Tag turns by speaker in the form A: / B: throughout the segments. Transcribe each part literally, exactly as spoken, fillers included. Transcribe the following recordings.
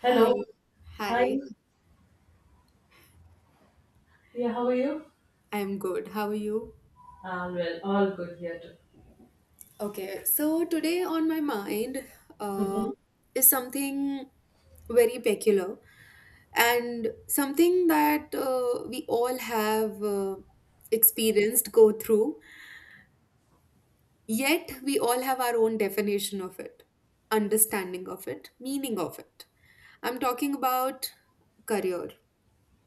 A: Hello.
B: Hi,
A: Hi.
B: hi,
A: Yeah, how are you?
B: I'm good. How are you?
A: Um, well, all good here too.
B: Okay, so today on my mind uh,
A: Hmm.
B: is something very peculiar and something that uh, we all have uh, experienced, go through, yet we all have our own definition of it, understanding of it, meaning of it. I'm talking about career.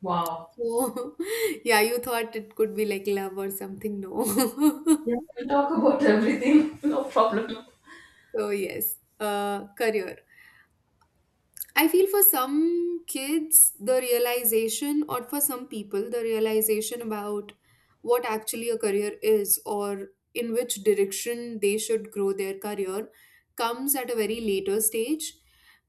A: Wow.
B: Oh, yeah, you thought it could be like love or something. No.
A: Yeah. We talk about everything. No problem.
B: So yes, uh, career. I feel for some kids, the realization, or for some people, the realization about what actually a career is or in which direction they should grow their career comes at a very later stage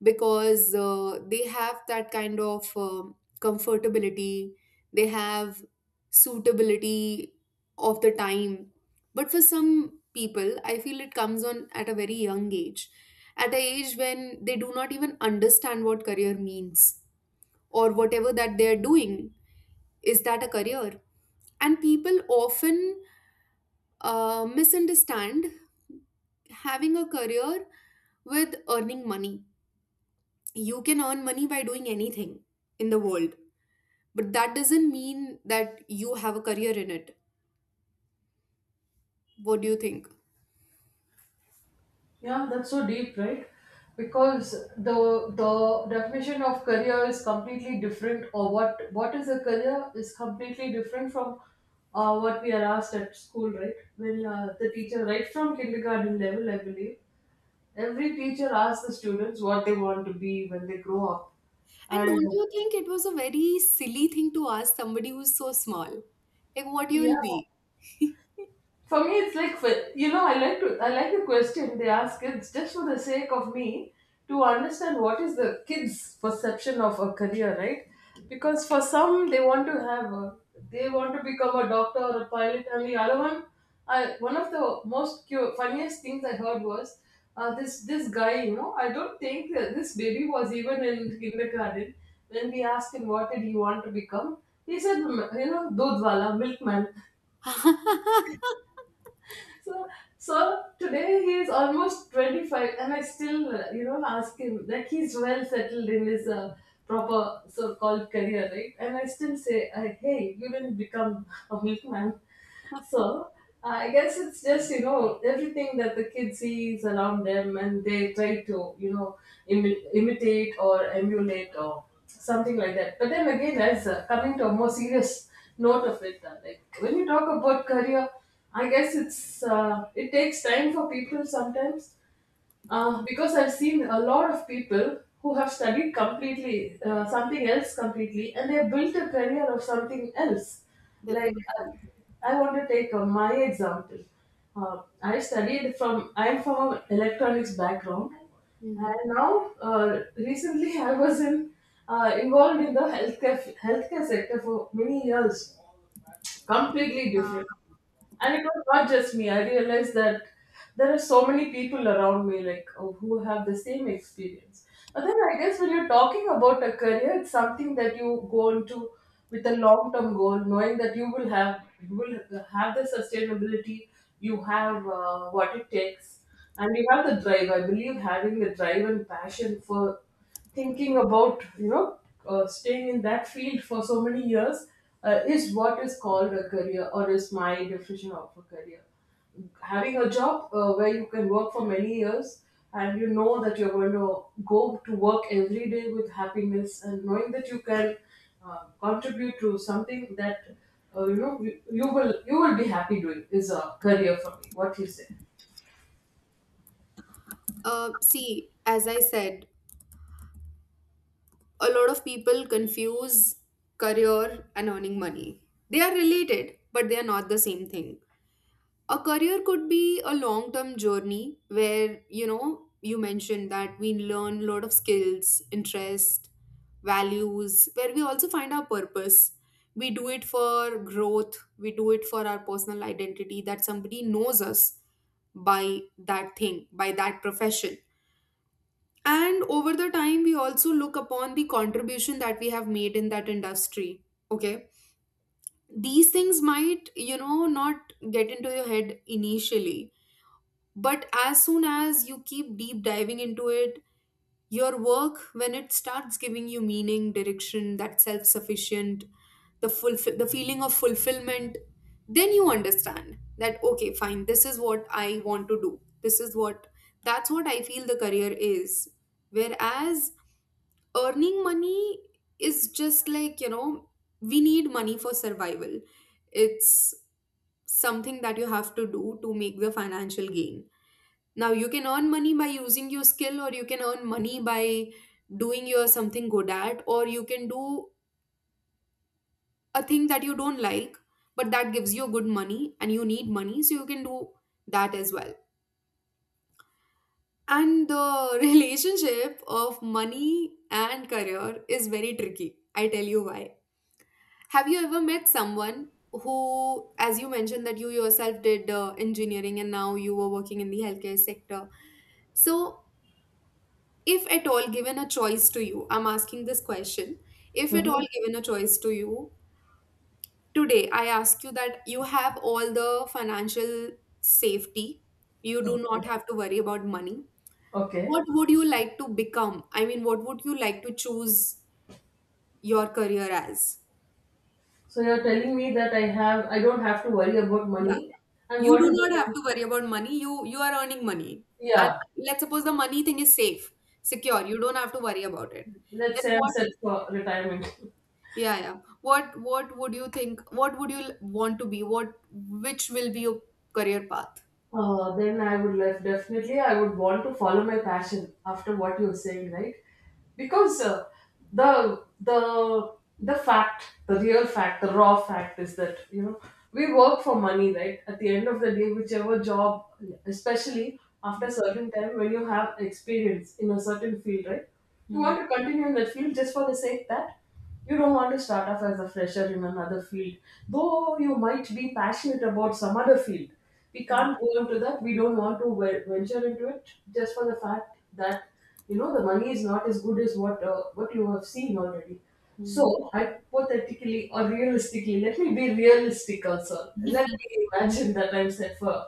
B: because uh, they have that kind of um comfortability, they have suitability of the time. But for some people, I feel it comes on at a very young age at an age when they do not even understand what career means or whatever that they are doing. Is that a career? And people often uh, misunderstand having a career with earning money. You can earn money by doing anything in the world, but that doesn't mean that you have a career in it. What do you think?
A: Yeah, that's so deep, right? Because the the definition of career is completely different, or what what is a career is completely different from uh, what we are asked at school, right? When uh, the teacher, right from kindergarten level, I believe, every teacher asks the students what they want to be when they grow up,
B: And don't
A: and
B: you think it was a very silly thing to ask somebody who's so small? Like, what you
A: yeah,
B: will be?
A: for me, it's like fi- you know, I like to I like the question they ask kids just for the sake of me to understand what is the kids' perception of a career, right? Because for some, they want to have a, they want to become a doctor or a pilot, and the other one, I one of the most cu- funniest things I heard was uh, this this guy. You know, I don't think that this baby was even in kindergarten when we asked him what did he want to become. He said, "M- You know, dudwala, milkman." So, so today he is almost twenty-five, and I still, uh, you know, ask him like he's well settled in his uh, proper so-called career, right? And I still say, uh, hey, you didn't become a milkman. So uh, I guess it's just you know everything that the kid sees around them, and they try to you know imi- imitate or emulate or something like that. But then again, as uh, coming to a more serious note of it. uh, Like when you talk about career, I guess it's uh, it takes time for people sometimes uh, because I've seen a lot of people who have studied completely uh, something else completely and they built a career of something else. Like uh,
B: Definitely.
A: I want to take uh, my example. Uh, I studied from I'm from an electronics background,
B: Mm.
A: and now uh, recently I was in uh, involved in the healthcare healthcare sector for many years, completely different.
B: Yeah.
A: And it was not just me. I realized that there are so many people around me, like oh, who have the same experience. But then I guess when you're talking about a career, it's something that you go into with a long-term goal, knowing that you will have you will have the sustainability, you have uh, what it takes, and you have the drive. I believe having the drive and passion for thinking about you know uh, staying in that field for so many years uh, is what is called a career, or is my definition of a career, having a job uh, where you can work for many years and you know that you're going to go to work every day with happiness and knowing that you can uh, contribute to something that uh, you know you, you will you will be happy doing, is a career for me. What you say?
B: Uh, see, as I said, a lot of people confuse career and earning money. They are related, but they are not the same thing. A career could be a long term journey where, you know, you mentioned that we learn a lot of skills, interest, values, where we also find our purpose. We do it for growth, we do it for our personal identity, that somebody knows us by that thing, by that profession. And over the time, we also look upon the contribution that we have made in that industry. Okay. These things might, you know, not get into your head initially, but as soon as you keep deep diving into it, your work, when it starts giving you meaning, direction, that self sufficient, the, fulfill, the feeling of fulfillment, then you understand that, okay, fine, this is what I want to do. This is what, that's what I feel the career is. Whereas earning money is just like, you know, we need money for survival. It's something that you have to do to make the financial gain. Now you can earn money by using your skill, or you can earn money by doing your something good at, or you can do a thing that you don't like, but that gives you good money, and you need money, so you can do that as well. And the relationship of money and career is very tricky. I tell you why. Have you ever met someone who, as you mentioned, that you yourself did uh, engineering and now you were working in the healthcare sector? So, if at all given a choice to you, I'm asking this question. If at
A: Hmm.
B: all given a choice to you today, I ask you that you have all the financial safety, you do not have to worry about money. What
A: Okay.
B: would you like to become? I mean, what would you like to choose your career as?
A: So you're telling me that I have I don't have to worry about
B: Yeah.
A: money. And
B: You
A: what
B: do
A: is
B: not have
A: it?
B: to worry about money. You you are earning money. And
A: Yeah.
B: let's suppose the money thing is safe, secure. You don't have to worry about it.
A: Let's
B: Then
A: say I'm
B: what?
A: set for retirement.
B: Yeah, yeah. What what would you think? What would you l- want to be? What Which will be your career path?
A: Uh, then I would love, definitely I would want to follow my passion after what you're saying, right? Because uh, the the the fact, the real fact, the raw fact is that you know we work for money, right? At the end of the day, whichever job, especially after a certain time when you have experience in a certain field, right? You
B: Hmm.
A: want to continue in that field just for the sake that. You don't want to start off as a fresher in another field, though you might be passionate about some other field. We
B: Hmm.
A: can't go into that. We don't want to ve- venture into it just for the fact that you know the money is not as good as what uh, what you have seen already.
B: Hmm.
A: So hypothetically or realistically, let me be realistic also. Let me imagine that I'm set for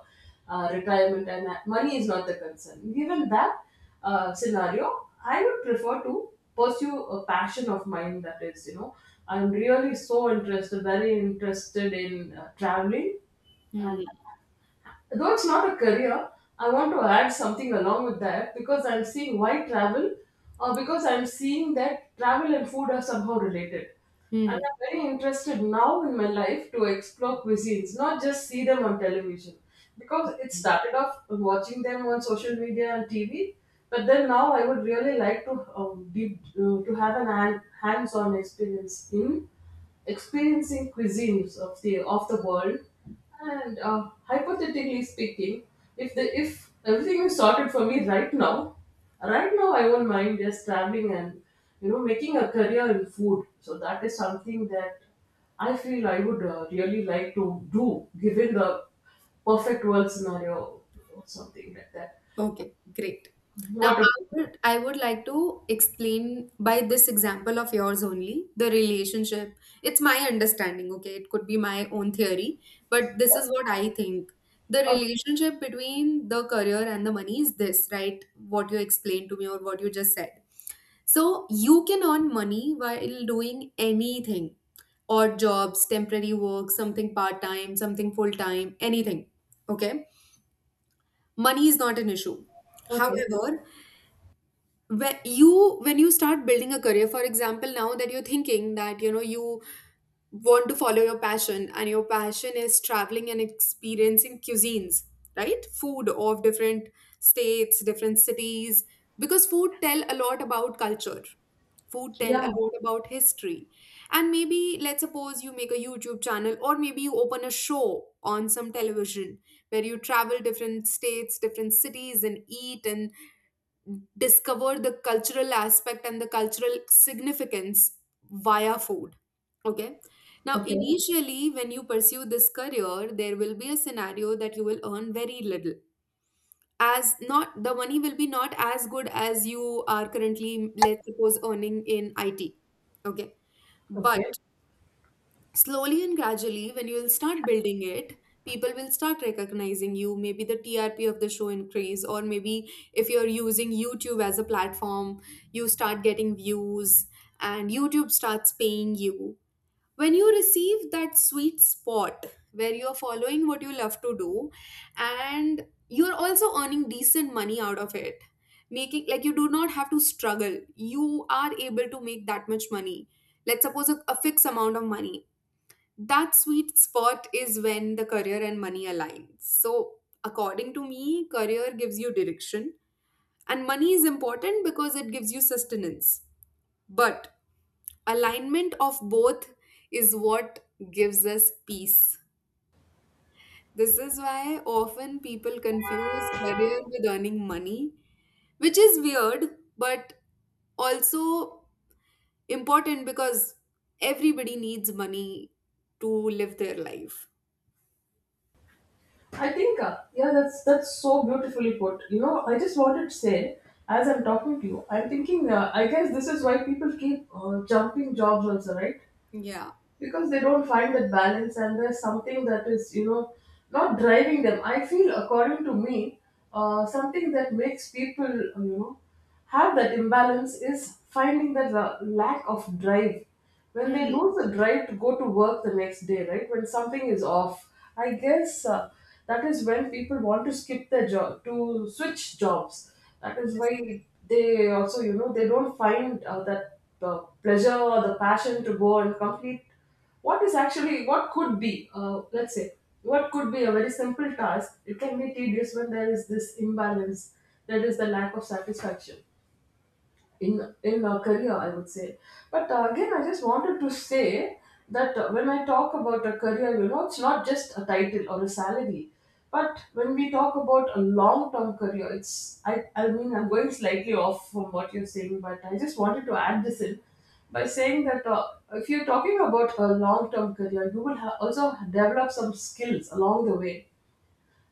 A: uh, retirement and that money is not the concern. Given that uh, scenario, I would prefer to pursue a passion of mine that is, you know, I'm really so interested, very interested in uh, traveling.
B: Hmm.
A: And though it's not a career, I want to add something along with that because I'm seeing why travel, or because I'm seeing that travel and food are somehow related. And
B: Hmm.
A: I'm very interested now in my life to explore cuisines, not just see them on television. Because it started off watching them on social media and T V, but then now I would really like to um, deep, uh, to have an hand, hands-on experience in experiencing cuisines of the of the world. And uh, hypothetically speaking, if the if everything is sorted for me right now, right now I won't mind just traveling and you know making a career in food. So that is something that I feel I would uh, really like to do, given the perfect world scenario or something like that.
B: Okay, great. Now,
A: What about,
B: I would, I would like to explain by this example of yours only the relationship. It's my understanding, okay? It could be my own theory, but this is what I think. The
A: oh,
B: relationship between the career and the money is this, right? What you explained to me or what you just said. So, you can earn money while doing anything, odd jobs, temporary work, something part time, something full time, anything. Okay. Money is not an issue.
A: okay,
B: However, when you when you start building a career, for example, now that you're thinking that, you know, you want to follow your passion, and your passion is traveling and experiencing cuisines, right, food of different states, different cities, because food tell a lot about culture, food tell
A: yeah,
B: a lot about history. And maybe let's suppose you make a YouTube channel, or maybe you open a show on some television where you travel different states, different cities, and eat and discover the cultural aspect and the cultural significance via food. Okay. Now,
A: okay,
B: initially, when you pursue this career, there will be a scenario that you will earn very little. As not the money will be not as good as you are currently, let's suppose, earning in I T. Okay. But
A: okay.
B: slowly and gradually, when you'll start building it, people will start recognizing you, maybe the T R P of the show increase, or maybe if you're using YouTube as a platform, you start getting views and YouTube starts paying you. When you receive that sweet spot where you're following what you love to do, and you're also earning decent money out of it, making, like, you do not have to struggle, you are able to make that much money, let's suppose, a, a fixed amount of money, that sweet spot is when the career and money align. So, according to me, career gives you direction, and money is important because it gives you sustenance. But alignment of both is what gives us peace. This is why often people confuse career with earning money, which is weird, but also important because everybody needs money to live their life.
A: I think, uh, yeah, that's that's so beautifully put. You know, I just wanted to say, as I'm talking to you, I'm thinking, uh, I guess this is why people keep uh, jumping jobs also, right?
B: Yeah.
A: Because they don't find that balance and there's something that is you know not driving them. I feel according to me, uh, something that makes people uh, you know have that imbalance is finding that la- lack of drive. When they
B: Hmm.
A: lose the drive to go to work the next day, right, when something is off, I guess uh, that is when people want to skip their job, to switch jobs. That is why they also, you know, they don't find uh, that uh, pleasure or the passion to go and complete what is actually what could be. Uh, let's say what could be a very simple task. It can be tedious when there is this imbalance. That is the lack of satisfaction in in a career, I would say. But uh, again, I just wanted to say that uh, when I talk about a career, you know it's not just a title or a salary. But when we talk about a long term career, it's i i mean, I'm going slightly off from what you're saying, but I just wanted to add this in by saying that uh, if you're talking about a long term career, you will ha- also develop some skills along the way.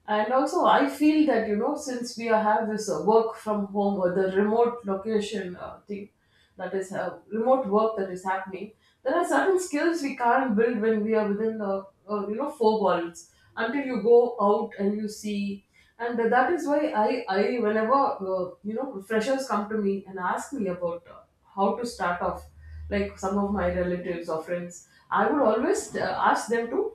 A: And also, I feel that you know, since we are have this uh, work from home or the remote location uh, thing, that is uh, remote work that is happening, there are certain skills we can't build when we are within the uh, you know four walls until you go out and you see. And that is why I, I whenever uh, you know freshers come to me and ask me about uh, how to start off, like some of my relatives or friends, I would always uh, ask them to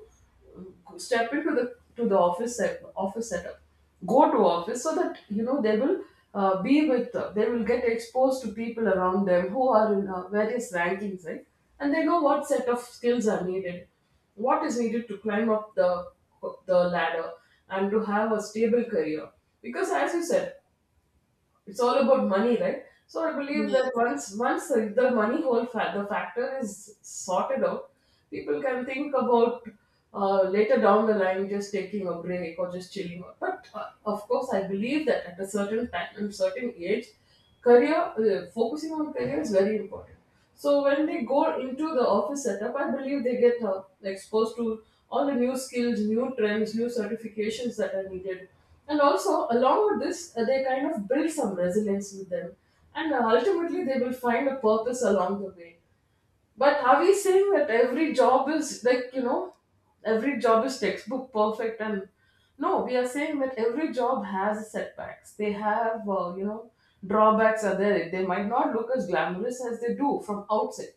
A: step into the to the office set, office setup, go to office so that you know they will uh, be with uh, they will get exposed to people around them who are in uh, various rankings, right, and they know what set of skills are needed, what is needed to climb up the the ladder and to have a stable career. Because as you said, it's all about money, right? So I believe that
B: Yeah.
A: once once the, the money whole fa- the factor is sorted out, people can think about uh, later down the line just taking a break or just chilling. But uh, of course, I believe that at a certain time and certain age, career uh, focusing on career is very important. So when they go into the office setup, I believe they get uh, exposed to all the new skills, new trends, new certifications that are needed. And also, along with this, uh, they kind of build some resilience with them. And uh, ultimately, they will find a purpose along the way. But are we saying that every job is like, you know, every job is textbook perfect? And no, we are saying that every job has setbacks. They have, uh, you know, drawbacks are there. They might not look as glamorous as they do from outside.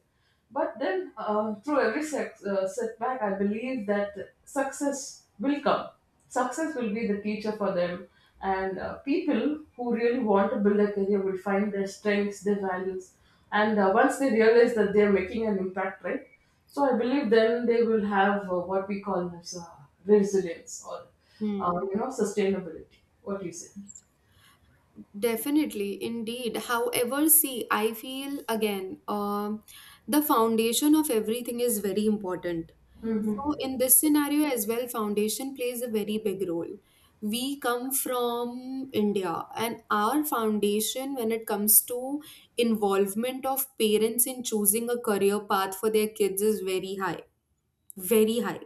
A: But then, uh, through every sex, uh, setback, I believe that success will come. Success will be the teacher for them, and uh, people who really want to build a career will find their strengths, their values, and uh, once they realize that they are making an impact, right? So I believe then they will have uh, what we call as uh, resilience or uh,
B: Hmm.
A: you know sustainability. What do you say?
B: Definitely, indeed. However, see, I feel again, um, the foundation of everything is very important.
A: Mm-hmm.
B: So, in this scenario as well, foundation plays a very big role. We come from India, and our foundation, when it comes to involvement of parents in choosing a career path for their kids, is very high. Very high.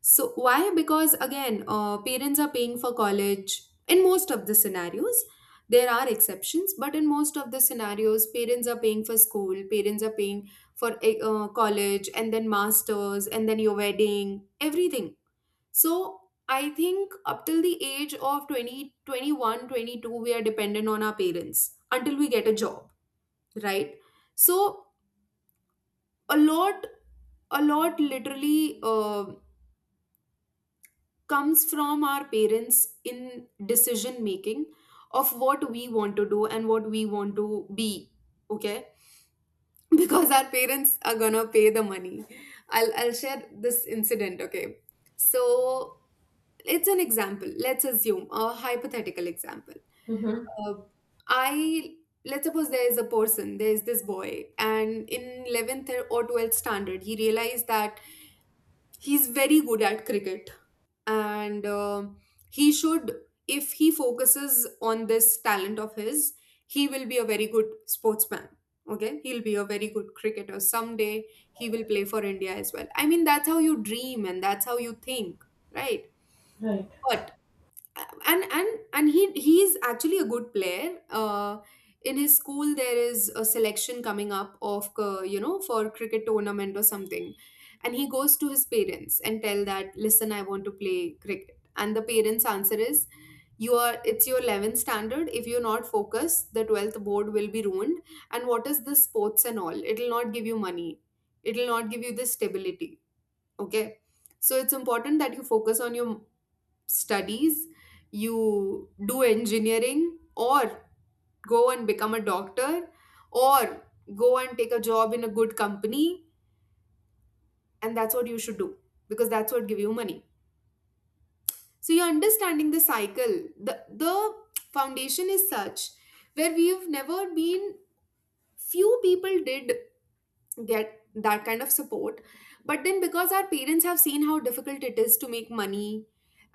B: So why? Because again, uh, parents are paying for college in most of the scenarios. There are exceptions, but in most of the scenarios, parents are paying for school, parents are paying for eh, uh, college, and then masters, and then your wedding, everything. So I think up till the age of twenty, twenty one, twenty two, we are dependent on our parents until we get a job, right? So a lot, a lot literally um comes from our parents in decision making of what we want to do and what we want to be. Okay. Because our parents are gonna pay the money, i'll i'll share this incident. Okay. So it's an example, let's assume a hypothetical example.
A: Mm-hmm.
B: Uh, I Let's suppose there is a person, there is this boy, and in eleventh or twelfth standard, he realized that he's very good at cricket, and uh, he should, if he focuses on this talent of his, he will be a very good sportsman. Okay, he'll be a very good cricketer someday. He will play for India as well. I mean, that's how you dream and that's how you think, right?
A: Right.
B: But and and and he he is actually a good player. Uh, in his school, there is a selection coming up of uh, you know for cricket tournament or something, and he goes to his parents and tell that listen, I want to play cricket, and the parents' answer is, you are it's your eleventh standard. If you're not focused, the twelfth board will be ruined. And what is the sports and all? It'll not give you money. It'll not give you the stability. Okay. So it's important that you focus on your studies, you do engineering, or go and become a doctor, or go and take a job in a good company, and that's what you should do because that's what give you money. So you're understanding the cycle. The the foundation is such where we've never been, few people did get that kind of support. But then because our parents have seen how difficult it is to make money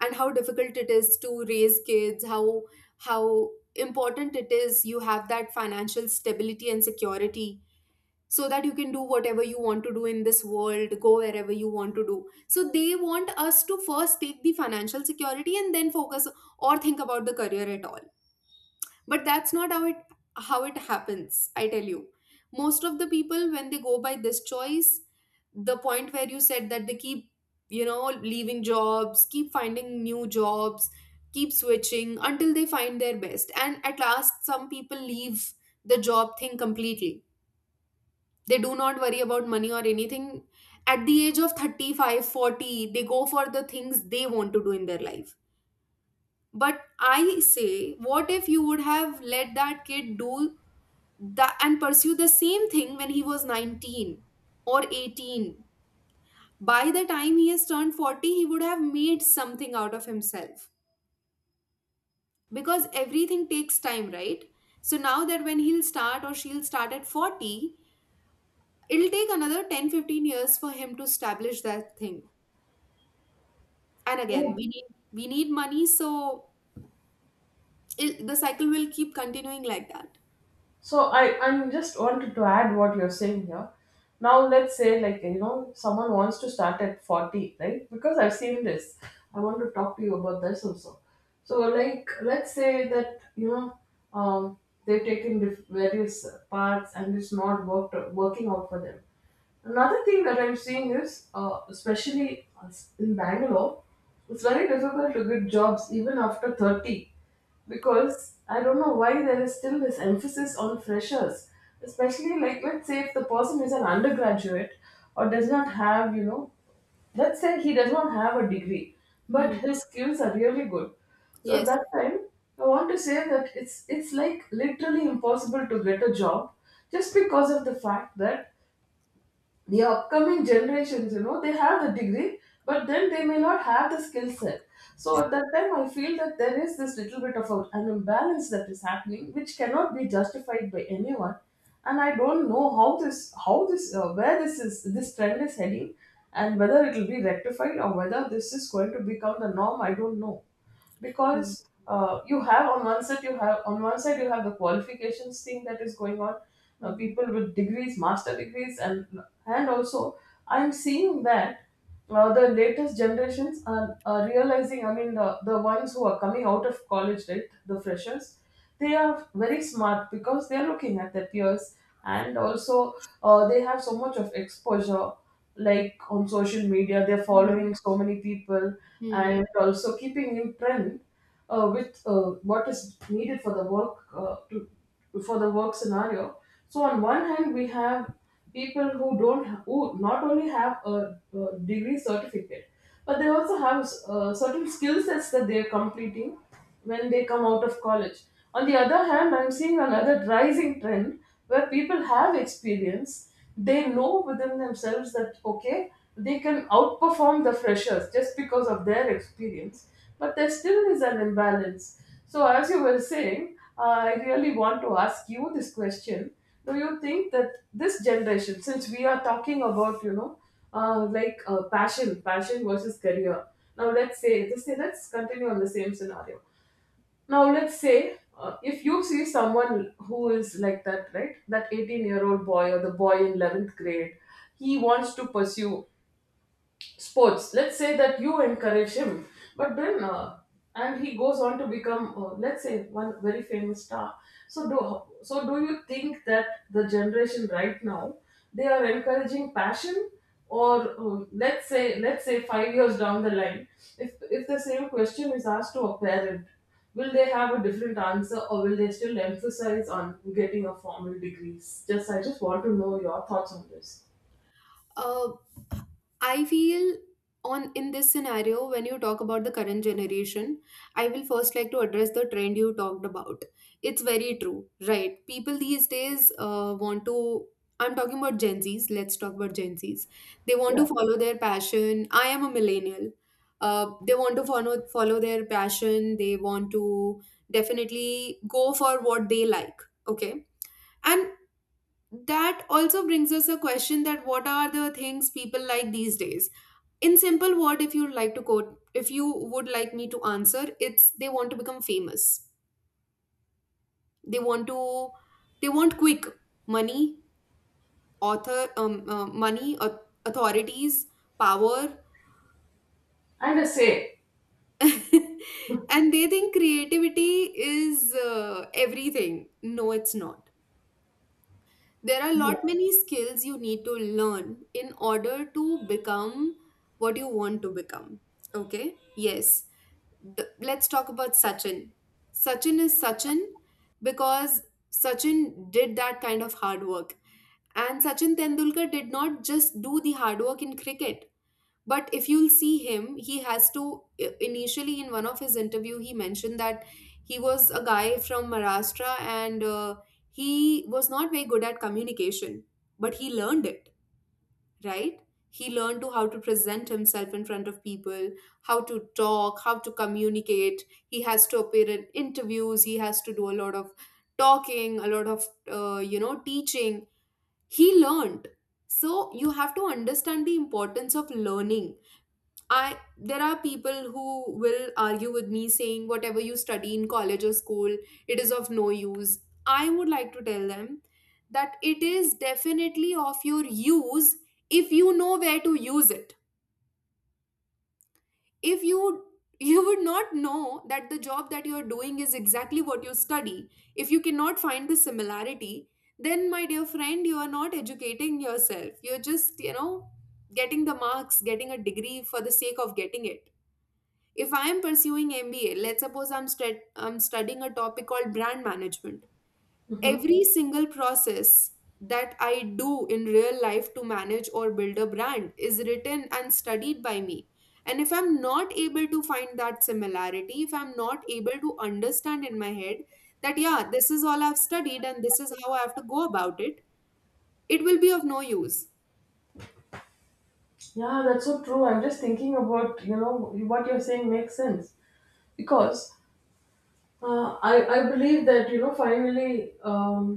B: and how difficult it is to raise kids, how how important it is you have that financial stability and security, so that you can do whatever you want to do in this world, go wherever you want to do, so they want us to first take the financial security and then focus or think about the career at all. But that's not how it how it happens, I tell you. Most of the people, when they go by this choice, the point where you said that they keep, you know leaving jobs, keep finding new jobs, keep switching until they find their best, and at last some people leave the job thing completely. They do not worry about money or anything. At the age of thirty five, forty, they go for the things they want to do in their life. But I say, what if you would have let that kid do that and pursue the same thing when he was nineteen or eighteen? By the time he has turned forty, he would have made something out of himself, because everything takes time, right? So now that when he'll start or she'll start at forty, it'll take another ten fifteen years for him to establish that thing. And again we need we need money. So it, the cycle will keep continuing like that.
A: So I I'm just wanted to add what you're saying here. Now let's say like you know someone wants to start at forty, right? Because I've seen this. I want to talk to you about this also. So like let's say that you know um, they've taken diff- various parts and it's not worked working out for them. Another thing that I'm seeing is, uh, especially us in Bangalore, it's very difficult to get jobs even after thirty, because I don't know why there is still this emphasis on freshers, especially like let's say if the person is an undergraduate or does not have, you know, let's say he does not have a degree, but
B: Hmm.
A: his skills are really good. So at
B: Yes.
A: that time, I want to say that it's it's like literally impossible to get a job just because of the fact that the upcoming generations, you know, they have the degree, but then they may not have the skill set. So at that time I feel that there is this little bit of a, an imbalance that is happening, which cannot be justified by anyone. And I don't know how this how this, uh, where this is this trend is heading and whether it will be rectified or whether this is going to become the norm, I don't know.
B: Hmm.
A: Because uh, you have on one side you have on one side you have the qualifications thing that is going on, uh,
B: Hmm.
A: people with degrees, master degrees, and and also I'm seeing that, uh, the latest generations are, are realizing, I mean, the, the ones who are coming out of college, right, the freshers, they are very smart because they are looking at their peers. And also, uh, they have so much of exposure, like on social media they're
B: Hmm.
A: following so many people
B: Hmm.
A: and also keeping in trend, uh, with uh, what is needed for the work, uh, to for the work scenario. So on one hand we have people who don't who not only have a, a degree certificate, but they also have, uh, certain skill sets that they're completing when they come out of college. On the other hand, I'm seeing another rising trend where people have experience, they know within themselves that, okay, they can outperform the freshers just because of their experience, but there still is an imbalance. So, as you were saying, uh, I really want to ask you this question. Do you think that this generation, since we are talking about, you know, uh, like uh, passion, passion versus career, now let's say, let's say, let's continue on the same scenario. Now, let's say, uh, if you see someone who is like that, right? That eighteen year old boy or the boy in eleventh grade, he wants to pursue sports. Let's say that you encourage him, but then uh, and he goes on to become, uh, let's say, one very famous star. so do so do you think that the generation right now, they are encouraging passion? Or, uh, let's say let's say five years down the line, if if the same question is asked to a parent, will they have a different answer, or will they still emphasize on getting a formal degrees? Just I just want to know your thoughts on this.
B: Uh, I feel on in this scenario, when you talk about the current generation, I will first like to address the trend you talked about. It's very true, right? People these days uh, want to. I'm talking about Gen Zs. Let's talk about Gen Zs. They want to
A: Yeah
B: follow their passion. I am a millennial. Uh, they want to follow follow their passion. They want to definitely go for what they like. Okay, and that also brings us a question, that what are the things people like these days? In simple word, if you like to quote, if you would like me to answer, it's they want to become famous. They want to they want quick money, author um, uh, money au- authorities, power.
A: and a say
B: And they think creativity is uh, everything. No, it's not. There are a
A: yeah.
B: lot many skills you need to learn in order to become what you want to become. Okay. Yes. The- let's talk about Sachin. Sachin is Sachin because Sachin did that kind of hard work. And Sachin Tendulkar did not just do the hard work in cricket, but if you'll see him, he has to, i- initially, in one of his interview, he mentioned that he was a guy from Maharashtra, and uh, he was not very good at communication, but he learned it, right. He learned to how to present himself in front of people, how to talk, how to communicate. He has to appear in interviews, he has to do a lot of talking, a lot of uh, you know teaching. He learned. So you have to understand the importance of learning. I There are people who will argue with me saying whatever you study in college or school, it is of no use. I would like to tell them that it is definitely of your use if you know where to use it. If you you would not know that the job that you're doing is exactly what you study. If you cannot find the similarity, then my dear friend, you are not educating yourself. You're just, you know, getting the marks, getting a degree for the sake of getting it. If I am pursuing M B A, let's suppose I'm, stud- I'm studying a topic called brand management.
A: Mhm.
B: Every single process that I do in real life to manage or build a brand is written and studied by me. And if I'm not able to find that similarity, if I'm not able to understand in my head that, yeah, this is all I've studied and this is how I have to go about it, it will be of no use.
A: Yeah, that's so true. I'm just thinking about, you know, what you're saying makes sense because, uh, I I believe that, you know, finally, um,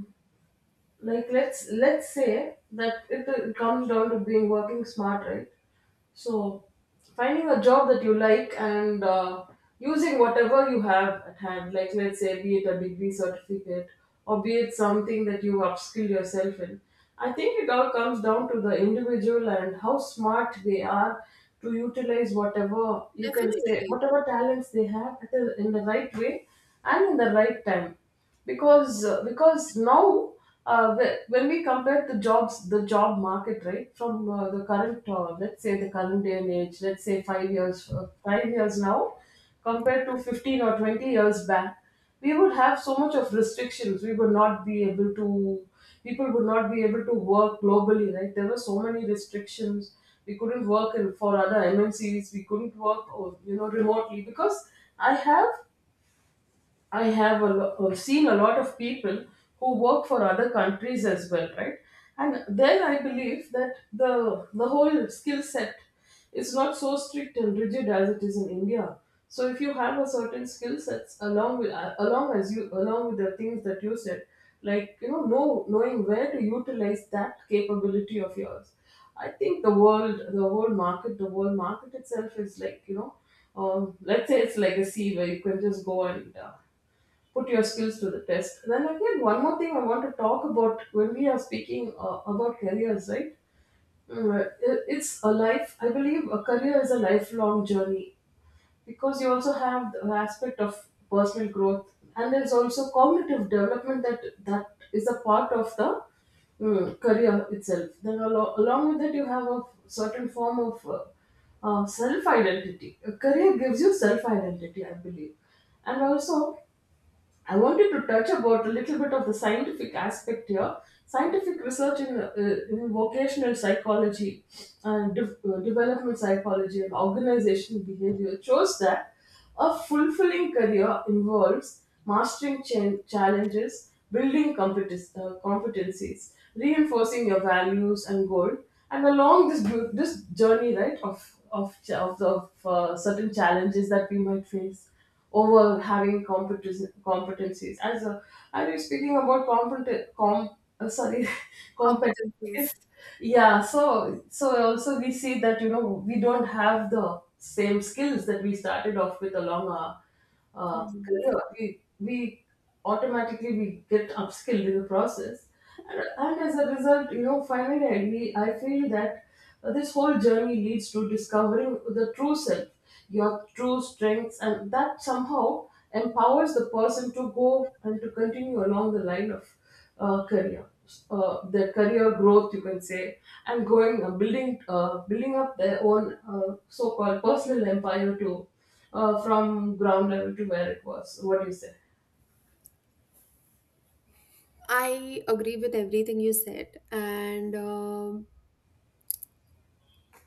A: like let's let's say that it, uh, comes down to being working smart, right? So finding a job that you like and, uh, using whatever you have at hand, like let's say, be it a degree certificate or be it something that you upskill yourself in. I think it all comes down to the individual and how smart they are to utilize whatever, you can say,
B: Definitely.
A: whatever talents they have at the- in the right way and in the right time. Because uh, because now, uh, whe- when we compare the jobs the job market right from, uh, the current uh, let's say the current day and age, let's say five years uh, five years now compared to fifteen or twenty years back, we would have so much of restrictions. We would not be able to People would not be able to work globally, right? There were so many restrictions. We couldn't work in, for other M N Cs. We couldn't work or, you know, remotely because i have I have, a lo- uh, seen a lot of people who work for other countries as well, right? And there I believe that the the whole skill set is not so strict and rigid as it is in India. So if you have a certain skill sets along with, uh, along as you along with the things that you said, like, you know, know knowing where to utilize that capability of yours, I think the world, the whole market, the world market itself is like, you know, um, let's say it's like a sea where you can just go and, uh, put your skills to the test. Then again, one more thing I want to talk about when we are speaking, uh, about careers, right? Mm, it- It's a life. I believe a career is a lifelong journey because you also have the aspect of personal growth, and there's also cognitive development that that is a part of the, mm, career itself. Then alo- along with that, you have a certain form of, uh, uh, self identity. A career gives you self identity, I believe. And also, I wanted to touch about a little bit of the scientific aspect here. Scientific research in, uh, in vocational psychology and de- uh, development psychology and organizational behavior shows that a fulfilling career involves mastering ch- challenges, building competence, uh, competencies, reinforcing your values and goal. And along this ju- this journey, right, of of, ch- of, the- of uh, certain challenges that we might face over having competence, competencies. As a, I was speaking about competent, com, uh, sorry, competencies.
B: Competencies.
A: Yeah, so so also we see that, you know, we don't have the same skills that we started off with along our, uh,
B: Mhm.
A: career. We we Automatically we get upskilled in the process, and, and as a result, you know, finally I, we- I feel that, uh, this whole journey leads to discovering the true self, your true strengths, and that somehow empowers the person to go and to continue along the line of, uh, career, uh, their career growth, you can say, and going, uh, building uh, building up their own, uh, so-called personal empire to, uh, from ground level to where it was. What do you say?
B: I agree with everything you said, and um,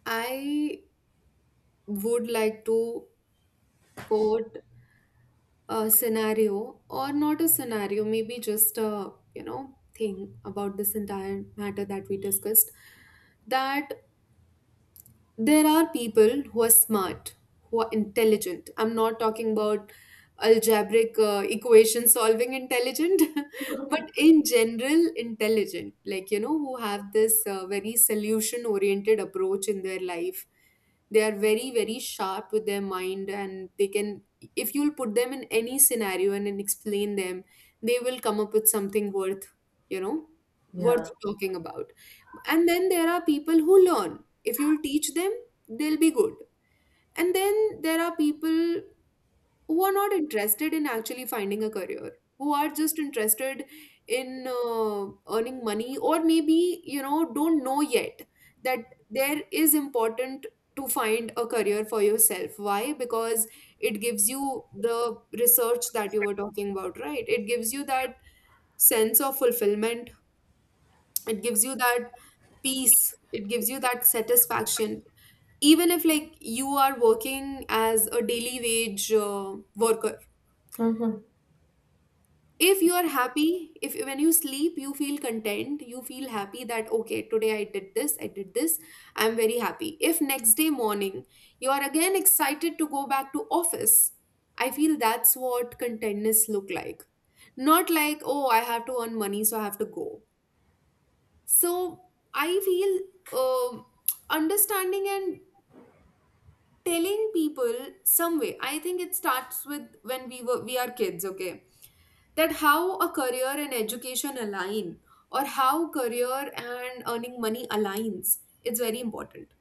B: I would like to quote a scenario, or not a scenario, maybe just a you know thing about this entire matter that we discussed. That there are people who are smart, who are intelligent. I'm not talking about algebraic uh, equation solving intelligent, but in general, intelligent, like, you know, who have this uh, very solution oriented approach in their life. They are very, very sharp with their mind, and they can, if you'll put them in any scenario and then explain them, they will come up with something worth, you know, worth
A: Yeah.
B: talking about. And then there are people who learn. If you teach them, they'll be good. And then there are people who are not interested in actually finding a career, who are just interested in uh, earning money, or maybe, you know, don't know yet that there is important to find a career for yourself. Why? Because it gives you the research that you were talking about, right? It gives you that sense of fulfillment. It gives you that peace, it gives you that satisfaction. Even if like you are working as a daily wage uh, worker,
A: Mm-hmm.
B: if you are happy, if when you sleep you feel content, you feel happy that, okay, today I did this, I did this, I'm very happy. If next day morning you are again excited to go back to office, I feel that's what contentness look like. Not like, oh, I have to earn money so I have to go. So I feel, um understanding and telling people some way, I think it starts with when we were we are kids. Okay. That how a career and education align, or how career and earning money aligns, it's very important.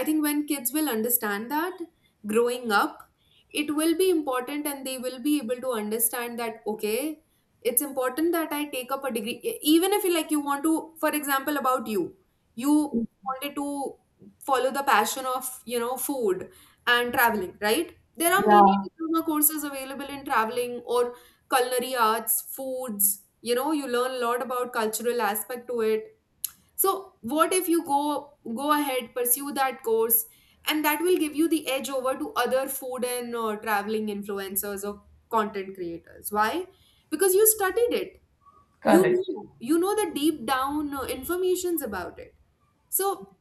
B: I think when kids will understand that growing up, it will be important and they will be able to understand that, okay, it's important that I take up a degree. E- Even if you like you want to, for example, about you, you wanted to follow the passion of you know, food and traveling, right? There are many diploma courses available in traveling or culinary arts, foods. You know, you learn a lot about cultural aspect to it. So what if you go, go ahead, pursue that course, and that will give you the edge over to other food and uh, traveling influencers or content creators. Why? Because you studied it. You
A: Correct.
B: know, you know the deep down uh, informations about it. So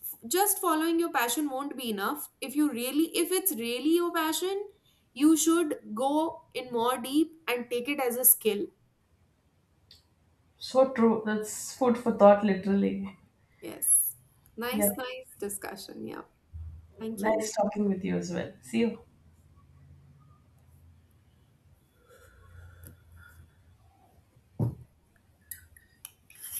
B: f- just following your passion won't be enough. If you really if it's really your passion, you should go in more deep and take it as a skill.
A: So true. That's food for thought, literally.
B: Yes.
A: Yeah.
B: Nice, nice discussion. Yeah. Thank you.
A: Nice talking with you as well. See you.